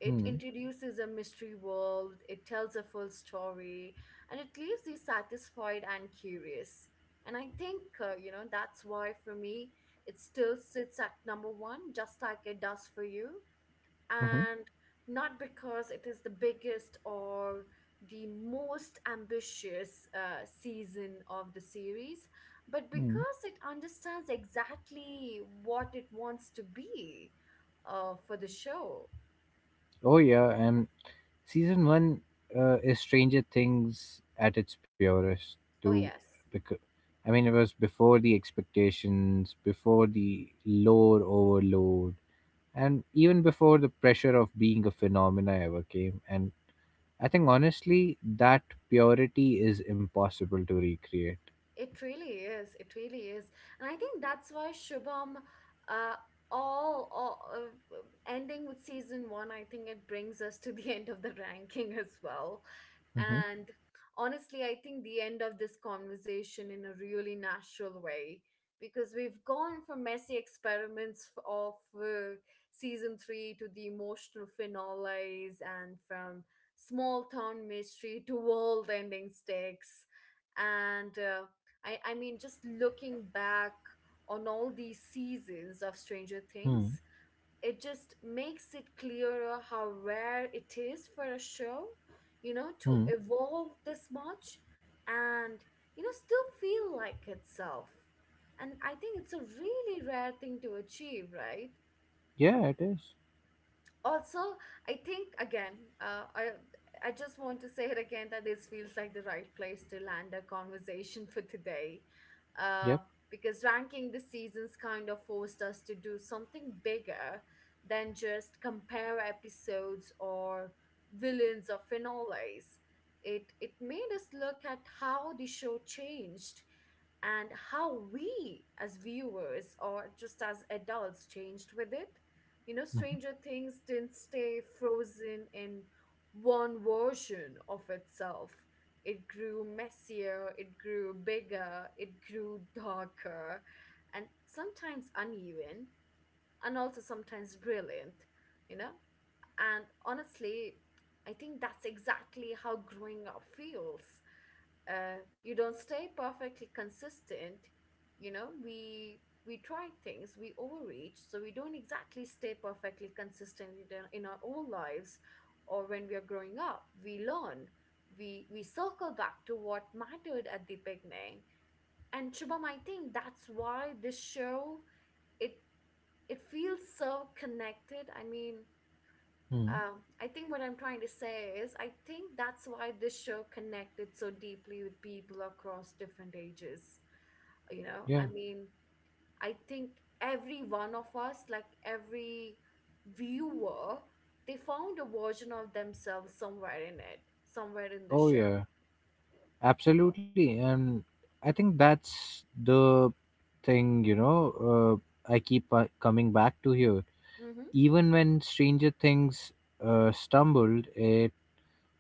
S1: It
S2: Hmm.
S1: introduces a mystery world, it tells a full story, and it leaves you satisfied and curious. And I think, you know, that's why for me, it still sits at number one, just like it does for you
S2: Mm-hmm.
S1: and not because it is the biggest or the most ambitious season of the series, but
S2: Hmm.
S1: because it understands exactly what it wants to be for the show.
S2: Oh yeah, and season one is Stranger Things at its purest
S1: Oh,
S2: too.
S1: yes.
S2: Because I mean, it was before the expectations, before the lore overload, and even before the pressure of being a phenomena ever came. And I think honestly, that purity is impossible to recreate.
S1: It really is. It really is. And I think that's why Shubham, uh, all ending with season one, I think it brings us to the end of the ranking as well.
S2: Mm-hmm.
S1: And honestly, I think the end of this conversation in a really natural way because we've gone from messy experiments of season three to the emotional finales and from small town mystery to world ending stakes and I mean, just looking back on all these seasons of Stranger
S2: Mm-hmm.
S1: Things, it just makes it clearer how rare it is for a show, you know, to evolve this much and, you know, still feel like itself. And I think it's a really rare thing to achieve, right?
S2: Yeah, it is.
S1: Also, I think again, uh, i I just want to say it again that this feels like the right place to land a conversation for today,
S2: Yep.
S1: uh, because ranking the seasons kind of forced us to do something bigger than just compare episodes or villains or finales. It made us look at how the show changed and how we as viewers or just as adults changed with it. You know,
S2: Mm-hmm.
S1: Stranger Things didn't stay frozen in one version of itself. It grew messier, it grew bigger, it grew darker, and sometimes uneven, and also sometimes brilliant, you know? And honestly, I think that's exactly how growing up feels. You don't stay perfectly consistent. You know, we try things, we overreach, so we don't exactly stay perfectly consistent in our own lives, or when we are growing up we learn, we circle back to what mattered at the beginning. And Shubham, I think that's why this show it it feels so connected. I mean,
S2: Hmm.
S1: I think what I'm trying to say is, I think that's why this show connected so deeply with people across different ages. You know,
S2: Yeah.
S1: I mean, I think every one of us, like every viewer, they found a version of themselves somewhere in it, somewhere in the
S2: Oh
S1: show.
S2: yeah. Absolutely. And I think that's the thing, you know, I keep coming back to here.
S1: Mm-hmm.
S2: Even when Stranger Things stumbled, it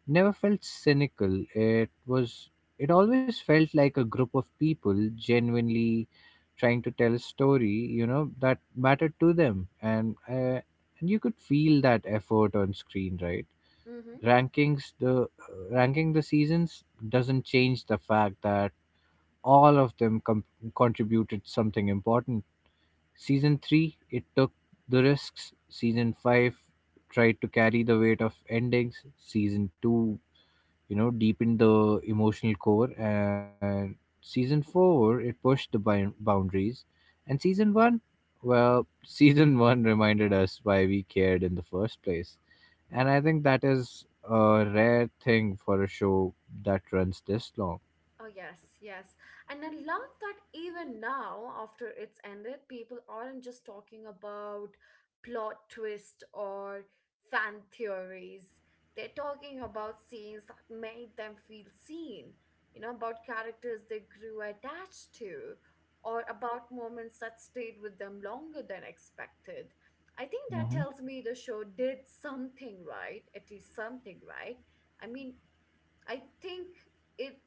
S2: never felt cynical. It always felt like a group of people genuinely trying to tell a story, you know, that mattered to them. And you could feel that effort on screen, right?
S1: Mm-hmm.
S2: Rankings, the uh, ranking the seasons doesn't change the fact that all of them contributed something important. Season 3, it took the risks. Season 5 tried to carry the weight of endings. Season 2, you know, deepened the emotional core. And season 4, it pushed the boundaries. And season 1, well, season 1 reminded us why we cared in the first place. And I think that is a rare thing for a show that runs this long.
S1: Oh, yes, yes. And I love that even now, after it's ended, people aren't just talking about plot twist or fan theories. They're talking about scenes that made them feel seen, you know, about characters they grew attached to, or about moments that stayed with them longer than expected. I think that
S2: Mhm.
S1: tells me the show did something right, at least something right. I mean, I think it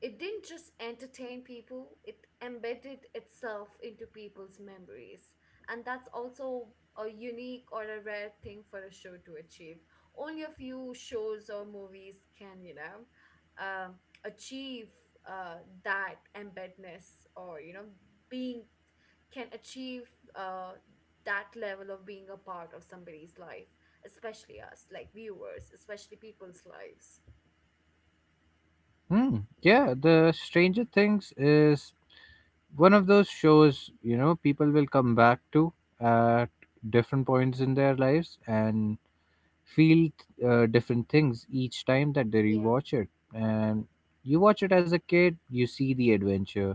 S1: it didn't just entertain people, it embedded itself into people's memories. And that's also a unique or a rare thing for a show to achieve. Only a few shows or movies can, you know, uh, achieve uh, that embedness or, you know, being can achieve uh, that level of being a part of somebody's life, especially us, like viewers, especially people's lives.
S2: Hmm. Yeah, the Stranger Things is one of those shows, you know, people will come back to at different points in their lives and feel different things each time that they rewatch it. And you watch it as a kid, you see the adventure.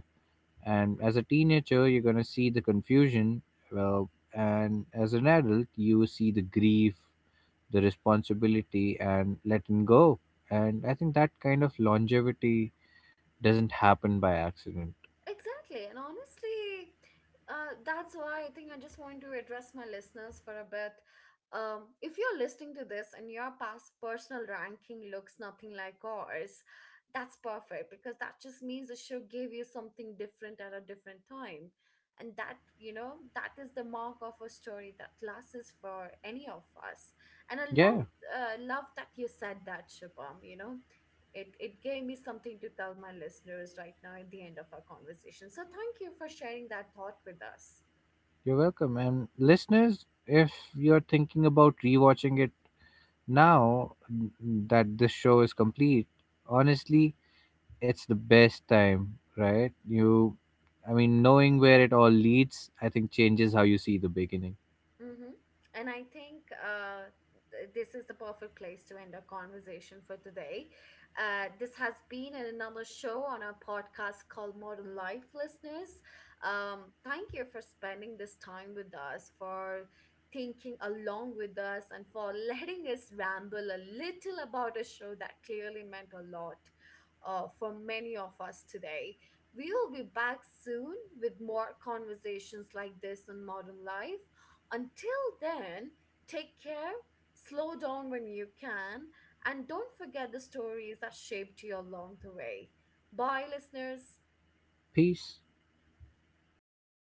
S2: And as a teenager, you're going to see the confusion. Well, and as an adult, you see the grief, the responsibility, and letting go. And I think that kind of longevity doesn't happen by accident.
S1: Exactly. And honestly, that's why I think I just want to address my listeners for a bit. If you're listening to this and your past personal ranking looks nothing like ours, that's perfect because that just means the show gave you something different at a different time. And that, you know, that is the mark of a story that lasts for any of us. And I
S2: Yeah,
S1: love, love that you said that, Shubham. You know, it gave me something to tell my listeners right now at the end of our conversation, so thank you for sharing that thought with us.
S2: you're welcome. And listeners, if you're thinking about rewatching it now that this show is complete, honestly, it's the best time, right? You, I mean, knowing where it all leads, I think changes how you see the beginning.
S1: Mm-hmm. And I think this is the perfect place to end our conversation for today. This has been another show on our podcast called Modern Life Listeners. Thank you for spending this time with us, for thinking along with us, and for letting us ramble a little about a show that clearly meant a lot for many of us today. We will be back soon with more conversations like this on modern life. Until then, take care, slow down when you can, and don't forget the stories that shaped you along the way. Bye, listeners.
S2: Peace.